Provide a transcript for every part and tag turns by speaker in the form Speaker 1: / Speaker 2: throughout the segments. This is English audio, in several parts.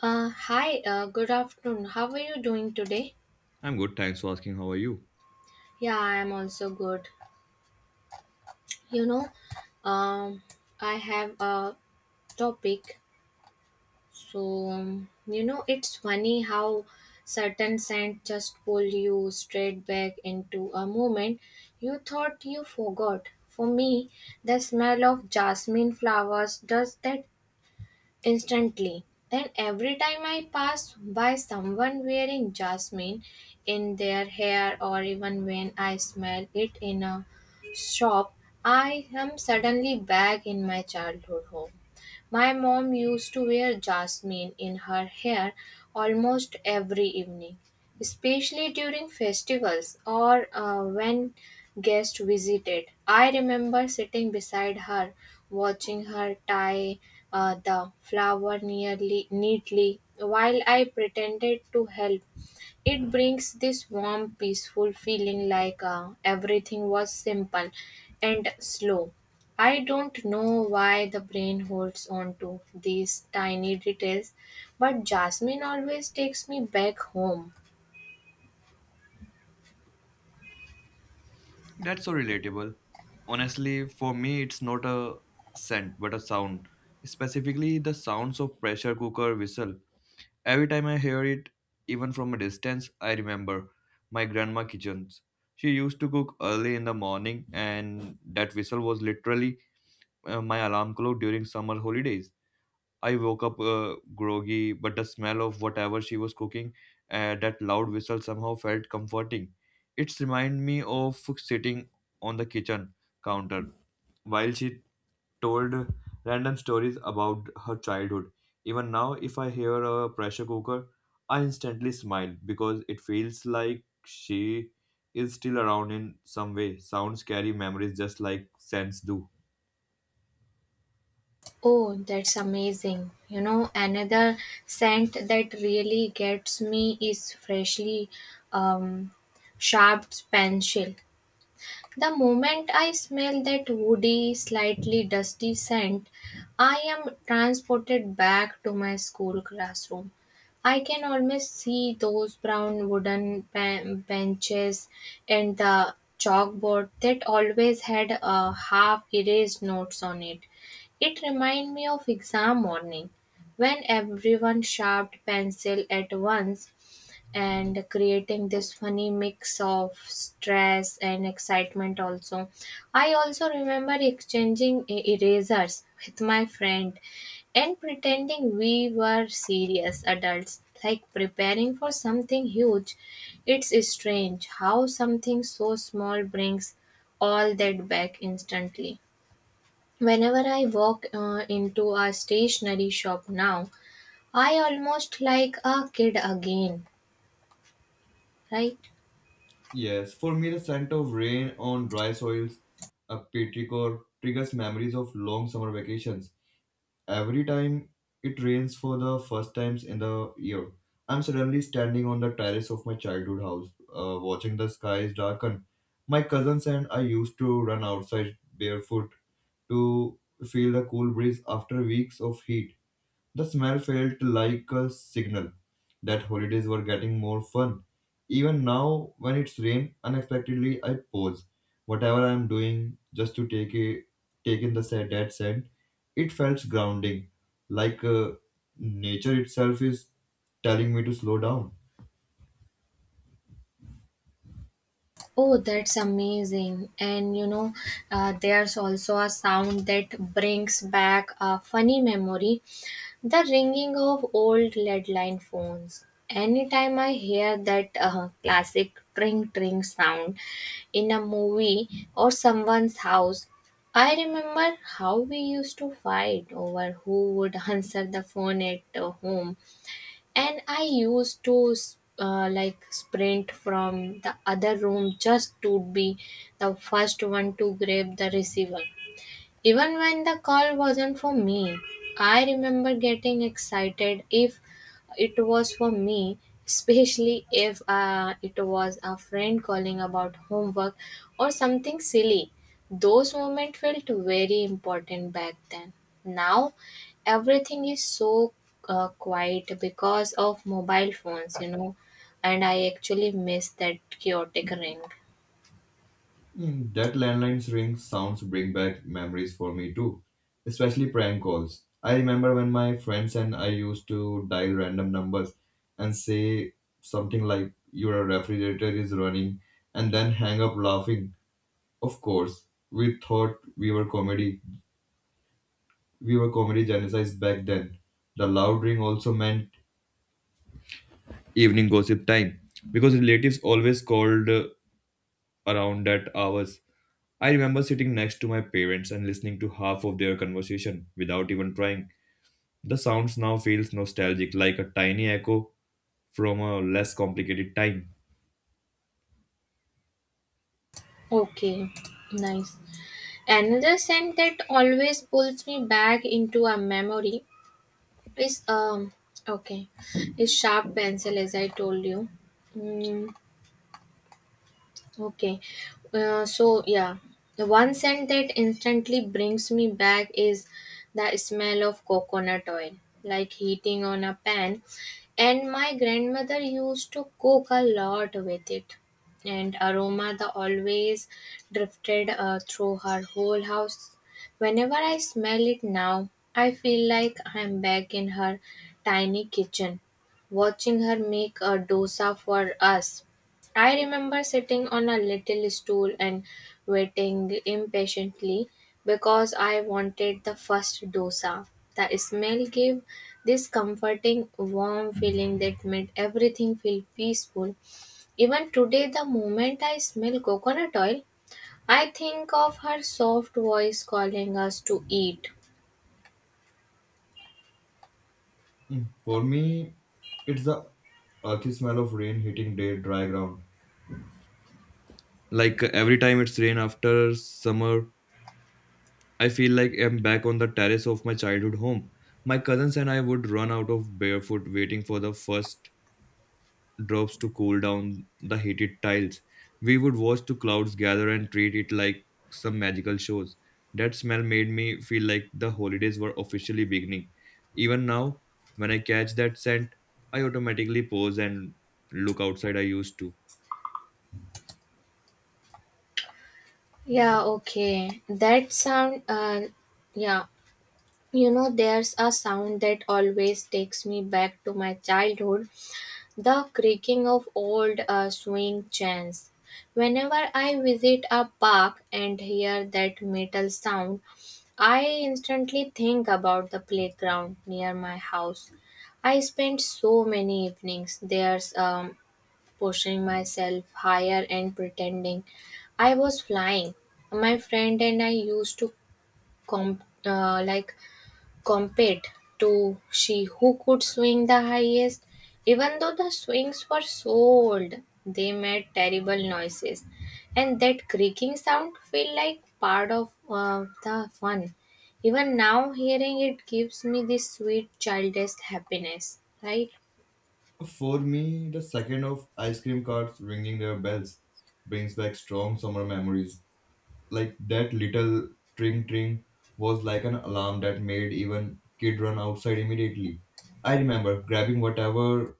Speaker 1: Hi, good afternoon. How are you doing today?
Speaker 2: I'm good, thanks for asking. How are you?
Speaker 1: Yeah, I am also good. You know, um, I have a topic. So, it's funny how certain scent just pull you straight back into a moment you thought you forgot. For me, the smell of jasmine flowers does that instantly, and every time I pass by someone wearing jasmine in their hair, or even when I smell it in a shop, I am suddenly back in my childhood home. My mom used to wear jasmine in her hair almost every evening, especially during festivals or when guests visited. I remember sitting beside her, watching her tie the flower nearly neatly while I pretended to help. It brings this warm, peaceful feeling, like everything was simple and slow. I don't know why the brain holds on to these tiny details, but jasmine always takes me back home.
Speaker 2: That's so relatable. Honestly, for me, it's not a scent but a sound. Specifically, the sounds of pressure cooker whistle. Every time I hear it, even from a distance, I remember my grandma kitchens. She used to cook early in the morning, and that whistle was literally my alarm clock during summer holidays. I woke up groggy, but the smell of whatever she was cooking, that loud whistle somehow felt comforting. It's reminded me of sitting on the kitchen counter while she told random stories about her childhood. Even now, if I hear a pressure cooker, I instantly smile because it feels like she is still around in some way. Sounds carry memories just like scents do.
Speaker 1: Oh, that's amazing. You know, another scent that really gets me is freshly um, sharp pencil. The moment I smell that woody, slightly dusty scent, I am transported back to my school classroom. I can almost see those brown wooden benches and the chalkboard that always had a half erased notes on it. It reminded me of exam morning when everyone sharpened pencil at once and creating this funny mix of stress and excitement. Also, I also remember exchanging erasers with my friend and pretending we were serious adults, like preparing for something huge. It's strange how something so small brings all that back instantly. Whenever I walk into a stationery shop now, I almost like a kid again, right?
Speaker 2: Yes, for me, the scent of rain on dry soils, a petrichor, triggers memories of long summer vacations. Every time it rains for the first times in the year, I'm suddenly standing on the terrace of my childhood house, watching the skies darken. My cousins and I used to run outside barefoot to feel the cool breeze after weeks of heat. The smell felt like a signal that holidays were getting more fun. Even now, when it's rain, unexpectedly I pause. Whatever I'm doing, just to take it, take in the set that scent, it felt grounding, like nature itself is telling me to slow down.
Speaker 1: Oh, that's amazing. And you know, there's also a sound that brings back a funny memory: the ringing of old lead line phones. Anytime I hear that classic tring tring sound in a movie or someone's house, I remember how we used to fight over who would answer the phone at home, and I used to like sprint from the other room just to be the first one to grab the receiver. Even when the call wasn't for me, I remember getting excited. If it was for me, especially if it was a friend calling about homework or something silly, those moments felt very important back then. Now, everything is so quiet because of mobile phones, and I actually miss that chaotic ring.
Speaker 2: That landline's ring sounds bring back memories for me too, especially prank calls. I remember when my friends and I used to dial random numbers and say something like, your refrigerator is running, and then hang up laughing. Of course, we thought we were comedy. We were comedy genocides back then. The loud ring also meant evening gossip time because relatives always called around that hours. I remember sitting next to my parents and listening to half of their conversation without even trying. The sounds now feels nostalgic, like a tiny echo from a less complicated time.
Speaker 1: Okay, nice. Another scent that always pulls me back into a memory is um okay, is sharp pencil, as I told you. Mm, okay. So yeah, the one scent that instantly brings me back is the smell of coconut oil, like heating on a pan. And my grandmother used to cook a lot with it. And aroma that always drifted through her whole house. Whenever I smell it now, I feel like I'm back in her tiny kitchen, watching her make a dosa for us. I remember sitting on a little stool and waiting impatiently because I wanted the first dosa. The smell gave this comforting, warm feeling that made everything feel peaceful. Even today, the moment I smell coconut oil, I think of her soft voice calling us to eat.
Speaker 2: For me, it's the earthy smell of rain hitting the dry ground. Like every time it's rain after summer, I feel like I'm back on the terrace of my childhood home. My cousins and I would run out of barefoot waiting for the first drops to cool down the heated tiles. We would watch the clouds gather and treat it like some magical shows. That smell made me feel like the holidays were officially beginning. Even now, when I catch that scent, I automatically pause and look outside. I used to.
Speaker 1: Yeah, okay. That sound, yeah. You know, there's a sound that always takes me back to my childhood: the creaking of old swing chains. Whenever I visit a park and hear that metal sound, I instantly think about the playground near my house. I spent so many evenings there, pushing myself higher and pretending I was flying. My friend and I used to like compared to she who could swing the highest. Even though the swings were so old, they made terrible noises, and that creaking sound felt like part of the fun. Even now, hearing it gives me this sweet childish happiness, right?
Speaker 2: For me, the second of ice cream carts ringing their bells brings back strong summer memories. Like that little tring tring was like an alarm that made even kid run outside immediately. I remember grabbing whatever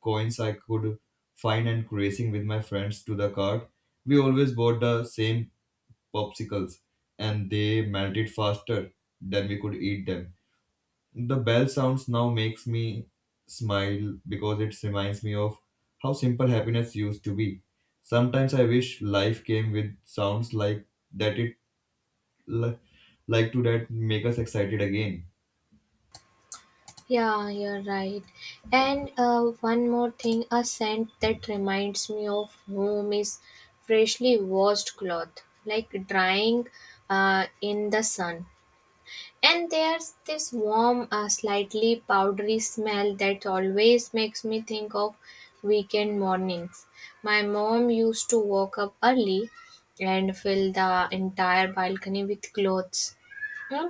Speaker 2: coins I could find and racing with my friends to the cart. We always bought the same popsicles and they melted faster than we could eat them. The bell sounds now makes me smile because it reminds me of how simple happiness used to be. Sometimes I wish life came with sounds like that li- like to that make us excited again.
Speaker 1: Yeah, you're right. And one more thing, a scent that reminds me of home is freshly washed cloth, like drying in the sun. And there's this warm, slightly powdery smell that always makes me think of weekend mornings. My mom used to walk up early and fill the entire balcony with clothes. Hmm,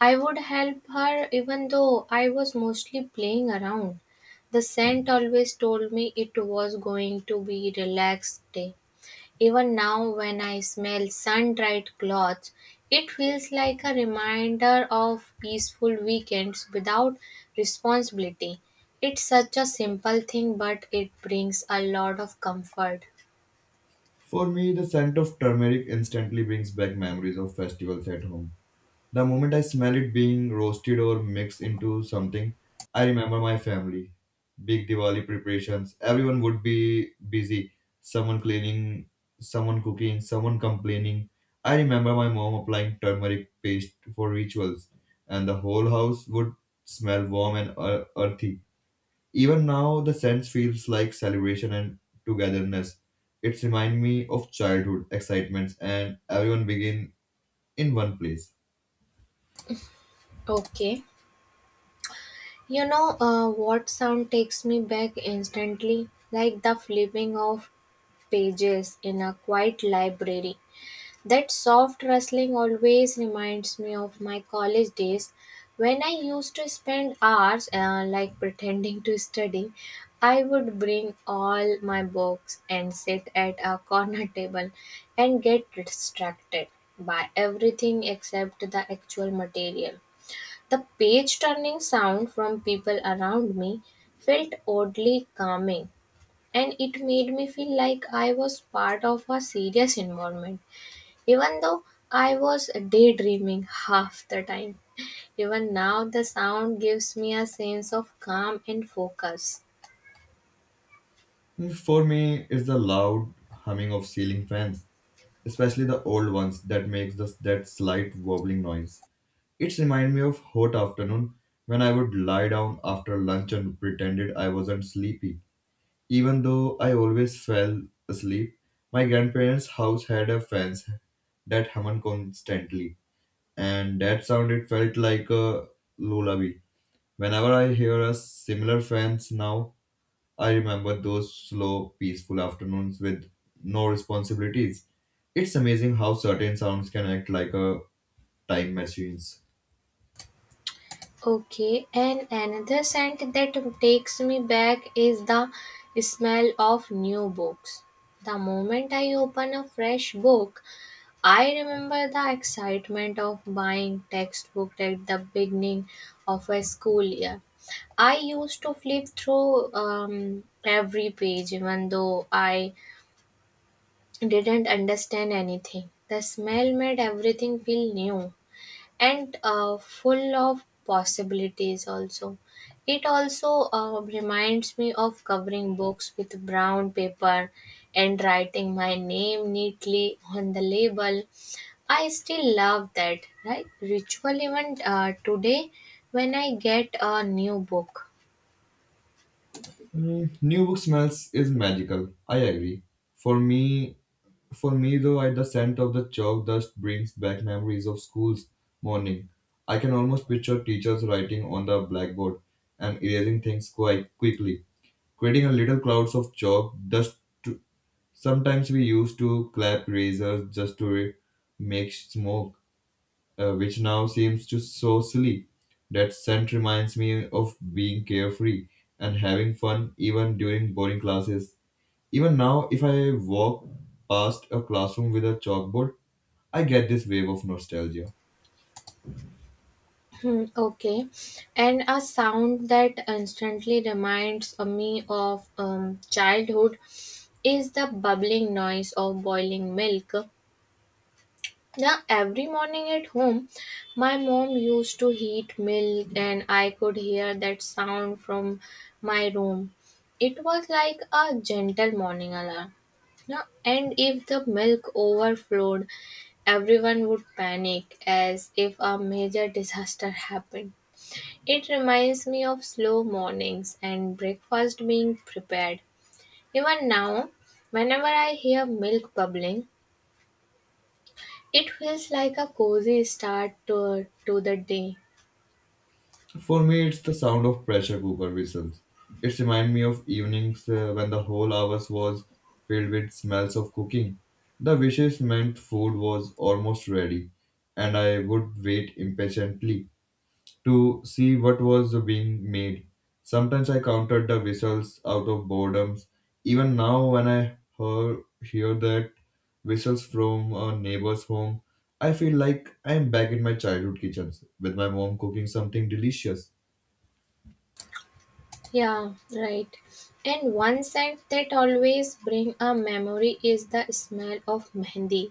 Speaker 1: I would help her even though I was mostly playing around. The scent always told me it was going to be relaxed day. Even now, when I smell sun dried clothes, it feels like a reminder of peaceful weekends without responsibility. It's such a simple thing, but it brings a lot of comfort.
Speaker 2: For me, the scent of turmeric instantly brings back memories of festivals at home. The moment I smell it being roasted or mixed into something, I remember my family. Big Diwali preparations, everyone would be busy. Someone cleaning, someone cooking, someone complaining. I remember my mom applying turmeric paste for rituals, and the whole house would smell warm and earthy. Even now, the sense feels like celebration and togetherness. It reminds me of childhood excitements and everyone begin in one place.
Speaker 1: Okay. You know, what sound takes me back instantly? Like the flipping of pages in a quiet library. That soft rustling always reminds me of my college days when I used to spend hours like pretending to study. I would bring all my books and sit at a corner table and get distracted by everything except the actual material. The page turning sound from people around me felt oddly calming, and it made me feel like I was part of a serious environment even though I was daydreaming half the time. Even now, the sound gives me a sense of calm and focus.
Speaker 2: For me, it's the loud humming of ceiling fans, especially the old ones that makes that slight wobbling noise. It reminds me of hot afternoon when I would lie down after lunch and pretended I wasn't sleepy. Even though I always fell asleep, my grandparents' house had a fence that hummed constantly, and that sound it felt like a lullaby. Whenever I hear a similar fans now, I remember those slow, peaceful afternoons with no responsibilities. It's amazing how certain sounds can act like a time machines.
Speaker 1: Okay, and another scent that takes me back is the smell of new books. The moment I open a fresh book, I remember the excitement of buying textbook at the beginning of a school year. I used to flip through every page, even though I didn't understand anything. The smell made everything feel new and full of possibilities, also. It also reminds me of covering books with brown paper and writing my name neatly on the label. I still love that, right? Ritual even today when I get a new book.
Speaker 2: New book smells is magical. I agree. For me, for me though, I, the scent of the chalk dust brings back memories of school's morning. I can almost picture teachers writing on the blackboard and erasing things quite quickly, creating a little clouds of chalk dust to. Sometimes we used to clap razors just to make smoke, which now seems to so silly. That scent reminds me of being carefree and having fun even during boring classes. Even now if I walk past a classroom with a chalkboard, I get this wave of nostalgia.
Speaker 1: Hmm, okay. And a sound that instantly reminds me of childhood is the bubbling noise of boiling milk. Now, every morning at home, my mom used to heat milk, and I could hear that sound from my room. It was like a gentle morning alarm. No, and if the milk overflowed, everyone would panic as if a major disaster happened. It reminds me of slow mornings and breakfast being prepared. Even now, whenever I hear milk bubbling, it feels like a cozy start to the day.
Speaker 2: For me, it's the sound of pressure cooker whistles. It reminds me of evenings when the whole house was filled with smells of cooking. The wishes meant food was almost ready, and I would wait impatiently to see what was being made. Sometimes I counted the whistles out of boredom. Even now, when I hear that whistles from a neighbor's home, I feel like I am back in my childhood kitchens with my mom cooking something delicious.
Speaker 1: Yeah, right. And one scent that always brings a memory is the smell of mehendi.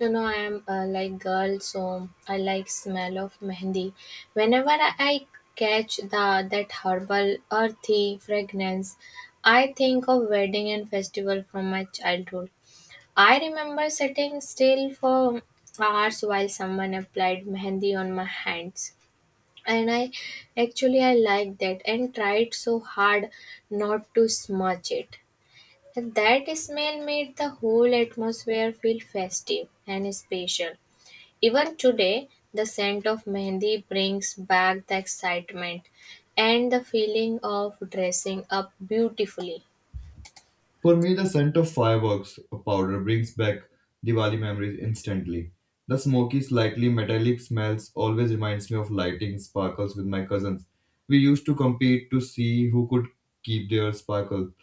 Speaker 1: I am like girl, so I like smell of mehendi. Whenever I catch the that herbal, earthy fragrance, I think of wedding and festival from my childhood. I remember sitting still for hours while someone applied mehendi on my hands. And I liked that and tried so hard not to smudge it. And that smell made the whole atmosphere feel festive and special. Even today, the scent of mehendi brings back the excitement and the feeling of dressing up beautifully.
Speaker 2: For me, the scent of fireworks powder brings back Diwali memories instantly. The smoky, slightly metallic smells always reminds me of lighting sparkles with my cousins. We used to compete to see who could keep their sparkle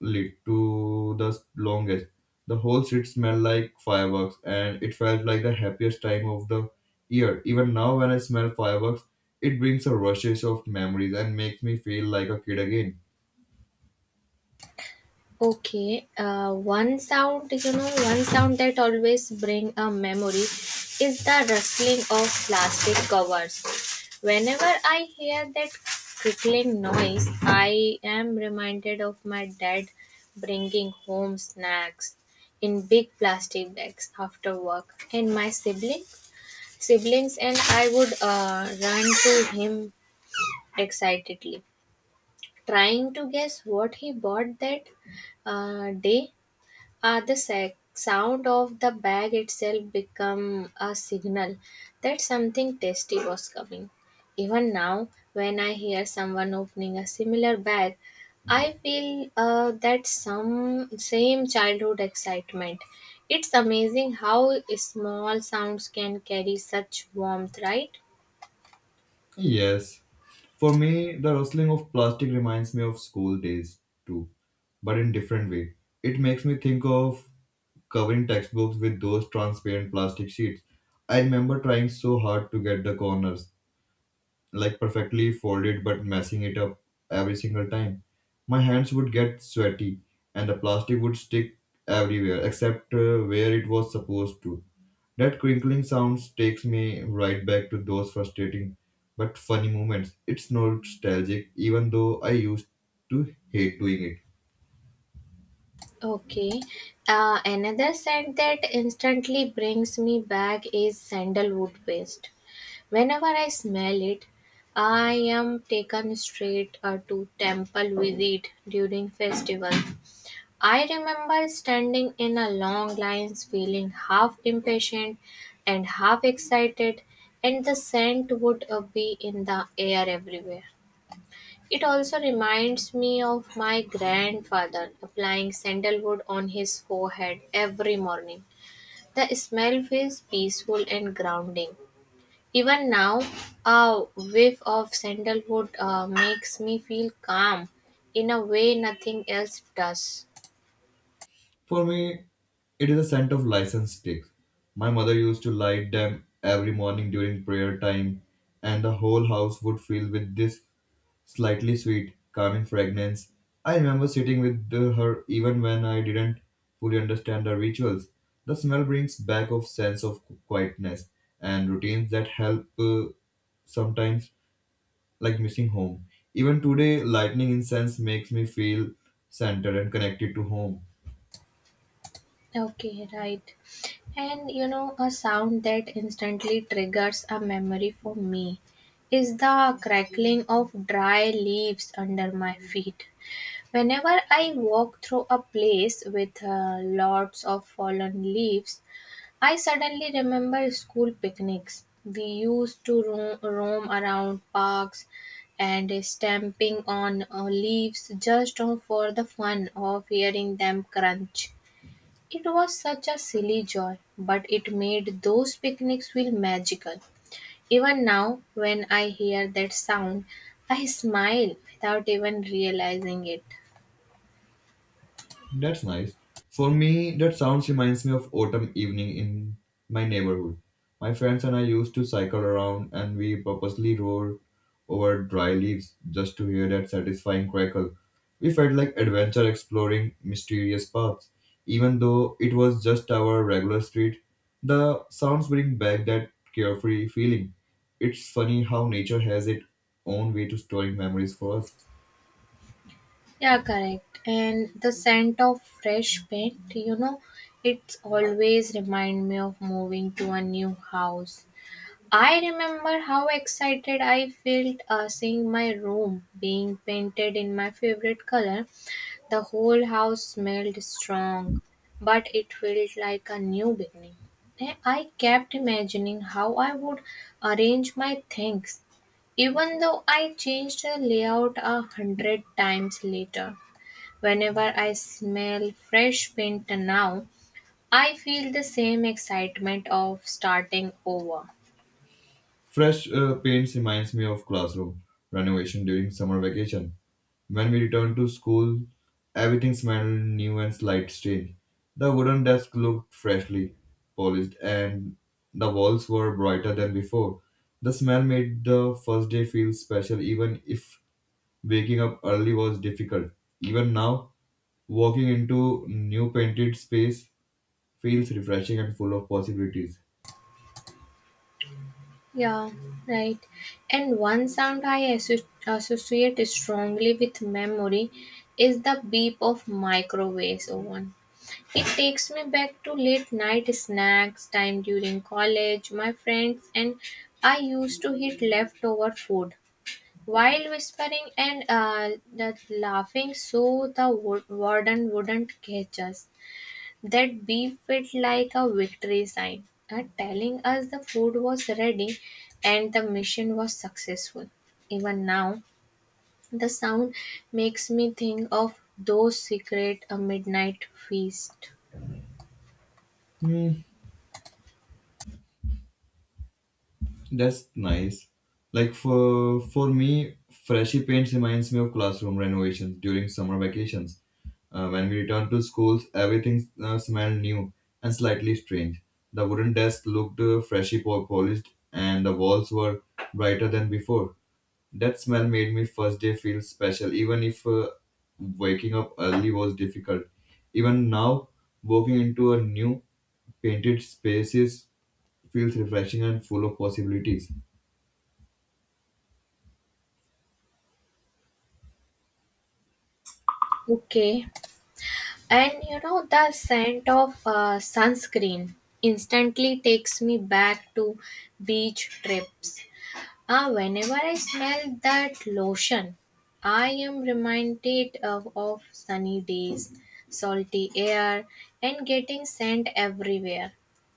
Speaker 2: lit to the longest. The whole street smelled like fireworks, and it felt like the happiest time of the year. Even now, when I smell fireworks, it brings a rushes of memories and makes me feel like a kid again.
Speaker 1: Okay, one sound, you know, one sound that always bring a memory is the rustling of plastic covers. Whenever I hear that crickling noise, I am reminded of my dad bringing home snacks in big plastic bags after work, and my siblings and I would run to him excitedly, trying to guess what he bought that day. The sound of the bag itself become a signal that something tasty was coming. Even now, when I hear someone opening a similar bag, I feel that some same childhood excitement. It's amazing how small sounds can carry such warmth, right?
Speaker 2: Yes. For me, the rustling of plastic reminds me of school days too, but in different way. It makes me think of covering textbooks with those transparent plastic sheets. I remember trying so hard to get the corners like perfectly folded but messing it up every single time. My hands would get sweaty and the plastic would stick everywhere except where it was supposed to. That crinkling sound takes me right back to those frustrating but funny moments. It's nostalgic even though I used to hate doing it.
Speaker 1: Okay. Another scent that instantly brings me back is sandalwood paste. Whenever I smell it, I am taken straight to temple visit during festival. I remember standing in a long lines, feeling half impatient and half excited, and the scent would be in the air everywhere. It also reminds me of my grandfather applying sandalwood on his forehead every morning. The smell feels peaceful and grounding. Even now, a whiff of sandalwood makes me feel calm in a way nothing else does.
Speaker 2: For me, it is a scent of license sticks. My mother used to light them every morning during prayer time, and the whole house would fill with this slightly sweet, calming fragrance. I remember sitting with her even when I didn't fully understand the rituals. The smell brings back a sense of quietness and routines that help sometimes like missing home. Even today, lightning incense makes me feel centered and connected to home.
Speaker 1: Okay, right. And a sound that instantly triggers a memory for me is the crackling of dry leaves under my feet. Whenever I walk through a place with lots of fallen leaves, I suddenly remember school picnics. We used to roam around parks and stamping on leaves just for the fun of hearing them crunch. It was such a silly joy, but it made those picnics feel magical. Even now, when I hear that sound, I smile without even realizing it.
Speaker 2: That's nice. For me, that sounds reminds me of autumn evening in my neighborhood. My friends and I used to cycle around and we purposely rolled over dry leaves just to hear that satisfying crackle. We felt like adventure exploring mysterious paths. Even though it was just our regular street, the sounds bring back that carefree feeling. It's funny how nature has its own way to storing memories for us.
Speaker 1: Yeah, correct. And the scent of fresh paint, it's always remind me of moving to a new house. I remember how excited I felt seeing my room being painted in my favorite color. The whole house smelled strong, but it felt like a new beginning. And I kept imagining how I would arrange my things, even though I changed the layout 100 times later. Whenever I smell fresh paint now, I feel the same excitement of starting over.
Speaker 2: Fresh paints reminds me of classroom renovation during summer vacation. When we returned to school, everything smelled new and slight strange. The wooden desk looked freshly polished, and the walls were brighter than before. The smell made the first day feel special, even if waking up early was difficult. Even now, walking into new painted space feels refreshing and full of possibilities.
Speaker 1: Yeah, right. And one sound I associate strongly with memory is the beep of microwave oven. It takes me back to late night snacks time during college, my friends, and I used to eat leftover food while whispering and that laughing so the warden wouldn't catch us. That beep felt like a victory sign, telling us the food was ready and the mission was successful. Even now, the sound makes me think of those secret a midnight feast.
Speaker 2: Hmm, that's nice. Like for me, freshy paint reminds me of classroom renovations during summer vacations. When we returned to schools, everything smelled new and slightly strange. The wooden desk looked freshly polished, and the walls were brighter than before. That smell made me first day feel special, even if waking up early was difficult. Even now, walking into a new painted spaces feels refreshing and full of possibilities.
Speaker 1: Okay, and you know the scent of sunscreen instantly takes me back to beach trips. Ah, whenever I smell that lotion, I am reminded of sunny days, salty air, and getting sand everywhere.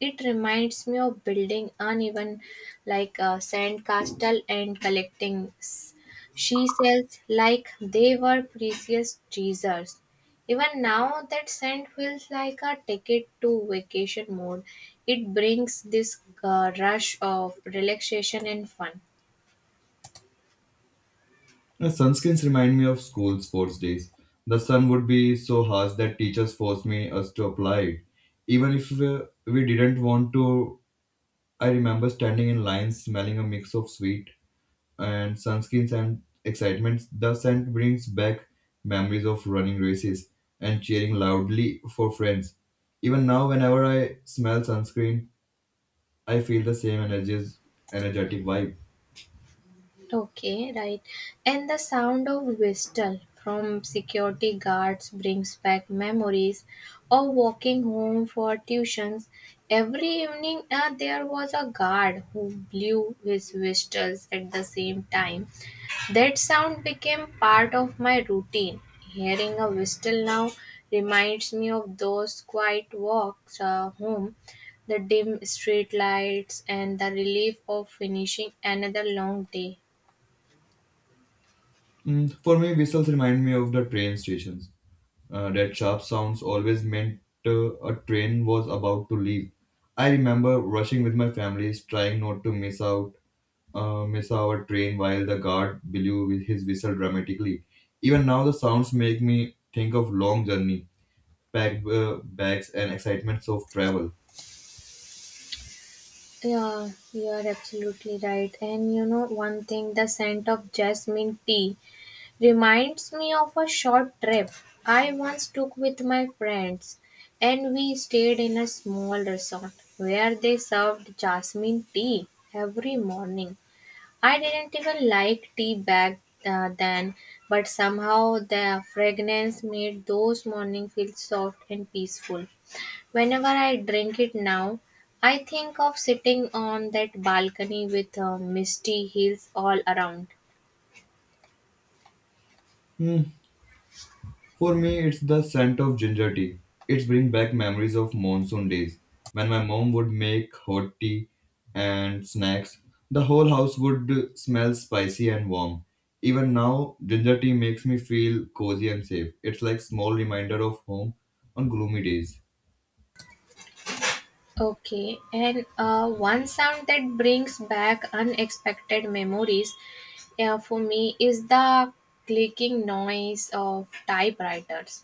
Speaker 1: It reminds me of building uneven like a sand castle and collecting she shells like they were precious treasures. Even now, that scent feels like a ticket to vacation mode. It brings this rush of relaxation and fun.
Speaker 2: The sunscreens remind me of school sports days. The sun would be so harsh that teachers forced me us to apply it. Even if we didn't want to, I remember standing in line smelling a mix of sweet and sunscreens and excitement. The scent brings back memories of running races and cheering loudly for friends. Even now, whenever I smell sunscreen, I feel the energetic vibe.
Speaker 1: Okay, right. And the sound of whistle from security guards brings back memories of walking home for tuitions. Every evening, there was a guard who blew his whistles at the same time. That sound became part of my routine. Hearing a whistle now reminds me of those quiet walks home, the dim street lights and the relief of finishing another long day.
Speaker 2: For me, whistles remind me of the train stations. That sharp sounds always meant a train was about to leave. I remember rushing with my families, trying not to miss our train while the guard blew with his whistle dramatically. Even now, the sounds make me think of long journey, packed bags, and excitements of travel.
Speaker 1: Yeah, you are absolutely right. And you know, one thing, the scent of jasmine tea reminds me of a short trip I once took with my friends. And we stayed in a small resort where they served jasmine tea every morning. I didn't even like tea back then, but somehow the fragrance made those mornings feel soft and peaceful. Whenever I drink it now, I think of sitting on that balcony with misty hills all around.
Speaker 2: Hmm, for me, it's the scent of ginger tea. It brings back memories of monsoon days when my mom would make hot tea and snacks. The whole house would smell spicy and warm. Even now, ginger tea makes me feel cozy and safe. It's like small reminder of home on gloomy days.
Speaker 1: Okay, and one sound that brings back unexpected memories for me is the clicking noise of typewriters.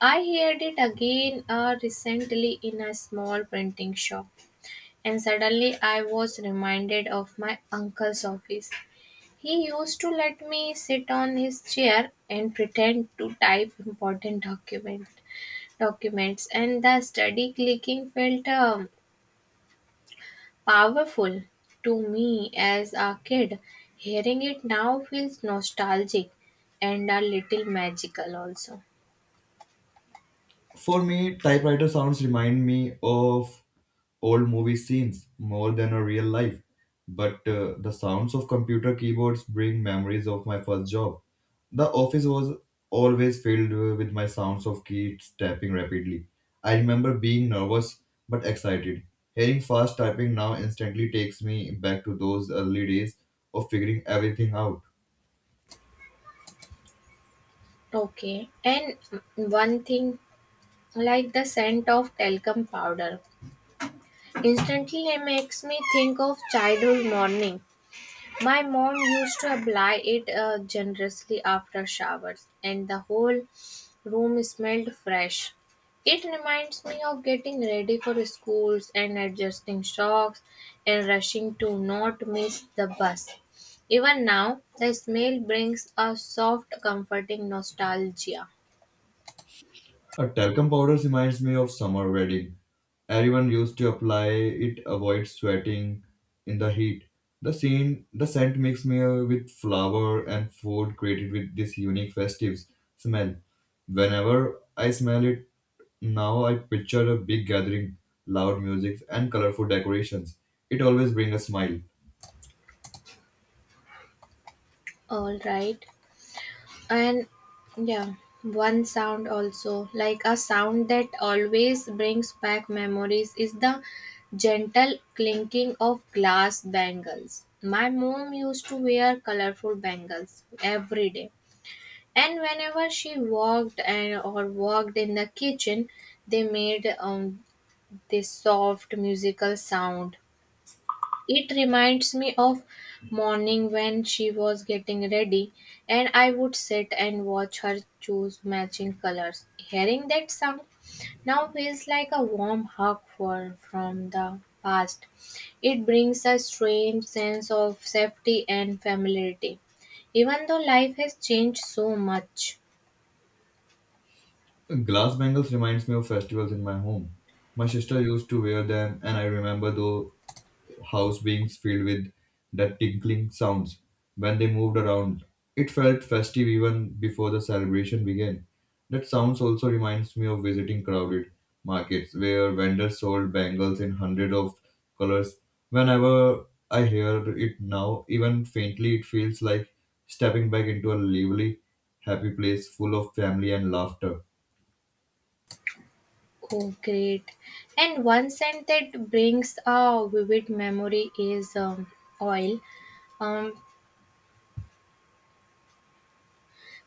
Speaker 1: I heard it again recently in a small printing shop, and suddenly I was reminded of my uncle's office. He used to let me sit on his chair and pretend to type documents, and the steady clicking felt powerful to me as a kid. Hearing it now feels nostalgic and a little magical also.
Speaker 2: For me, typewriter sounds remind me of old movie scenes more than a real life. But the sounds of computer keyboards bring memories of my first job. The office was always filled with my sounds of keys tapping rapidly. I remember being nervous but excited. Hearing fast typing now instantly takes me back to those early days of figuring everything out.
Speaker 1: Okay, and one thing like the scent of talcum powder instantly makes me think of childhood morning. My mom used to apply it generously after showers, and the whole room smelled fresh. It reminds me of getting ready for schools and adjusting socks and rushing to not miss the bus. Even now, the smell brings a soft, comforting nostalgia.
Speaker 2: A talcum powder reminds me of summer wedding. Everyone used to apply it avoid sweating in the heat. The scent makes me with flower and food created with this unique festive smell. Whenever I smell it now I picture a big gathering, loud music and colorful decorations. It always brings a smile.
Speaker 1: All right. And yeah, one sound also, like a sound that always brings back memories, is the gentle clinking of glass bangles. My mom used to wear colorful bangles every day. And whenever she walked and or walked in the kitchen, they made this soft musical sound. It reminds me of morning when she was getting ready and I would sit and watch her choose matching colors. Hearing that sound now feels like a warm hug for from the past. It brings a strange sense of safety and familiarity, even though life has changed so much.
Speaker 2: Glass bangles reminds me of festivals in my home. My sister used to wear them and I remember though house beings filled with that tinkling sounds when they moved around. It felt festive even before the celebration began. That sounds also reminds me of visiting crowded markets where vendors sold bangles in hundreds of colors. Whenever I hear it now, even faintly, it feels like stepping back into a lively, happy place full of family and laughter.
Speaker 1: Oh, great. And one scent that brings a vivid memory is oil. Um,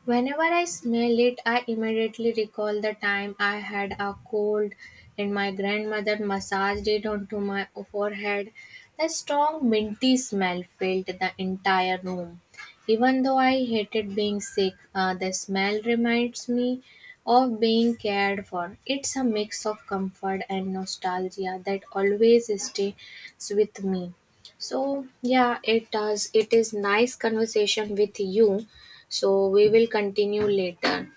Speaker 1: Whenever I smell it, I immediately recall the time I had a cold and my grandmother massaged it onto my forehead. The strong minty smell filled the entire room. Even though I hated being sick, the smell reminds me of being cared for. It's a mix of comfort and nostalgia that always stays with me. So yeah, it does. It is nice conversation with you. So we will continue later.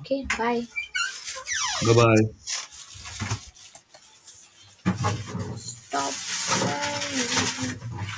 Speaker 1: Okay, bye.
Speaker 2: Bye bye.
Speaker 1: Stop. Bye.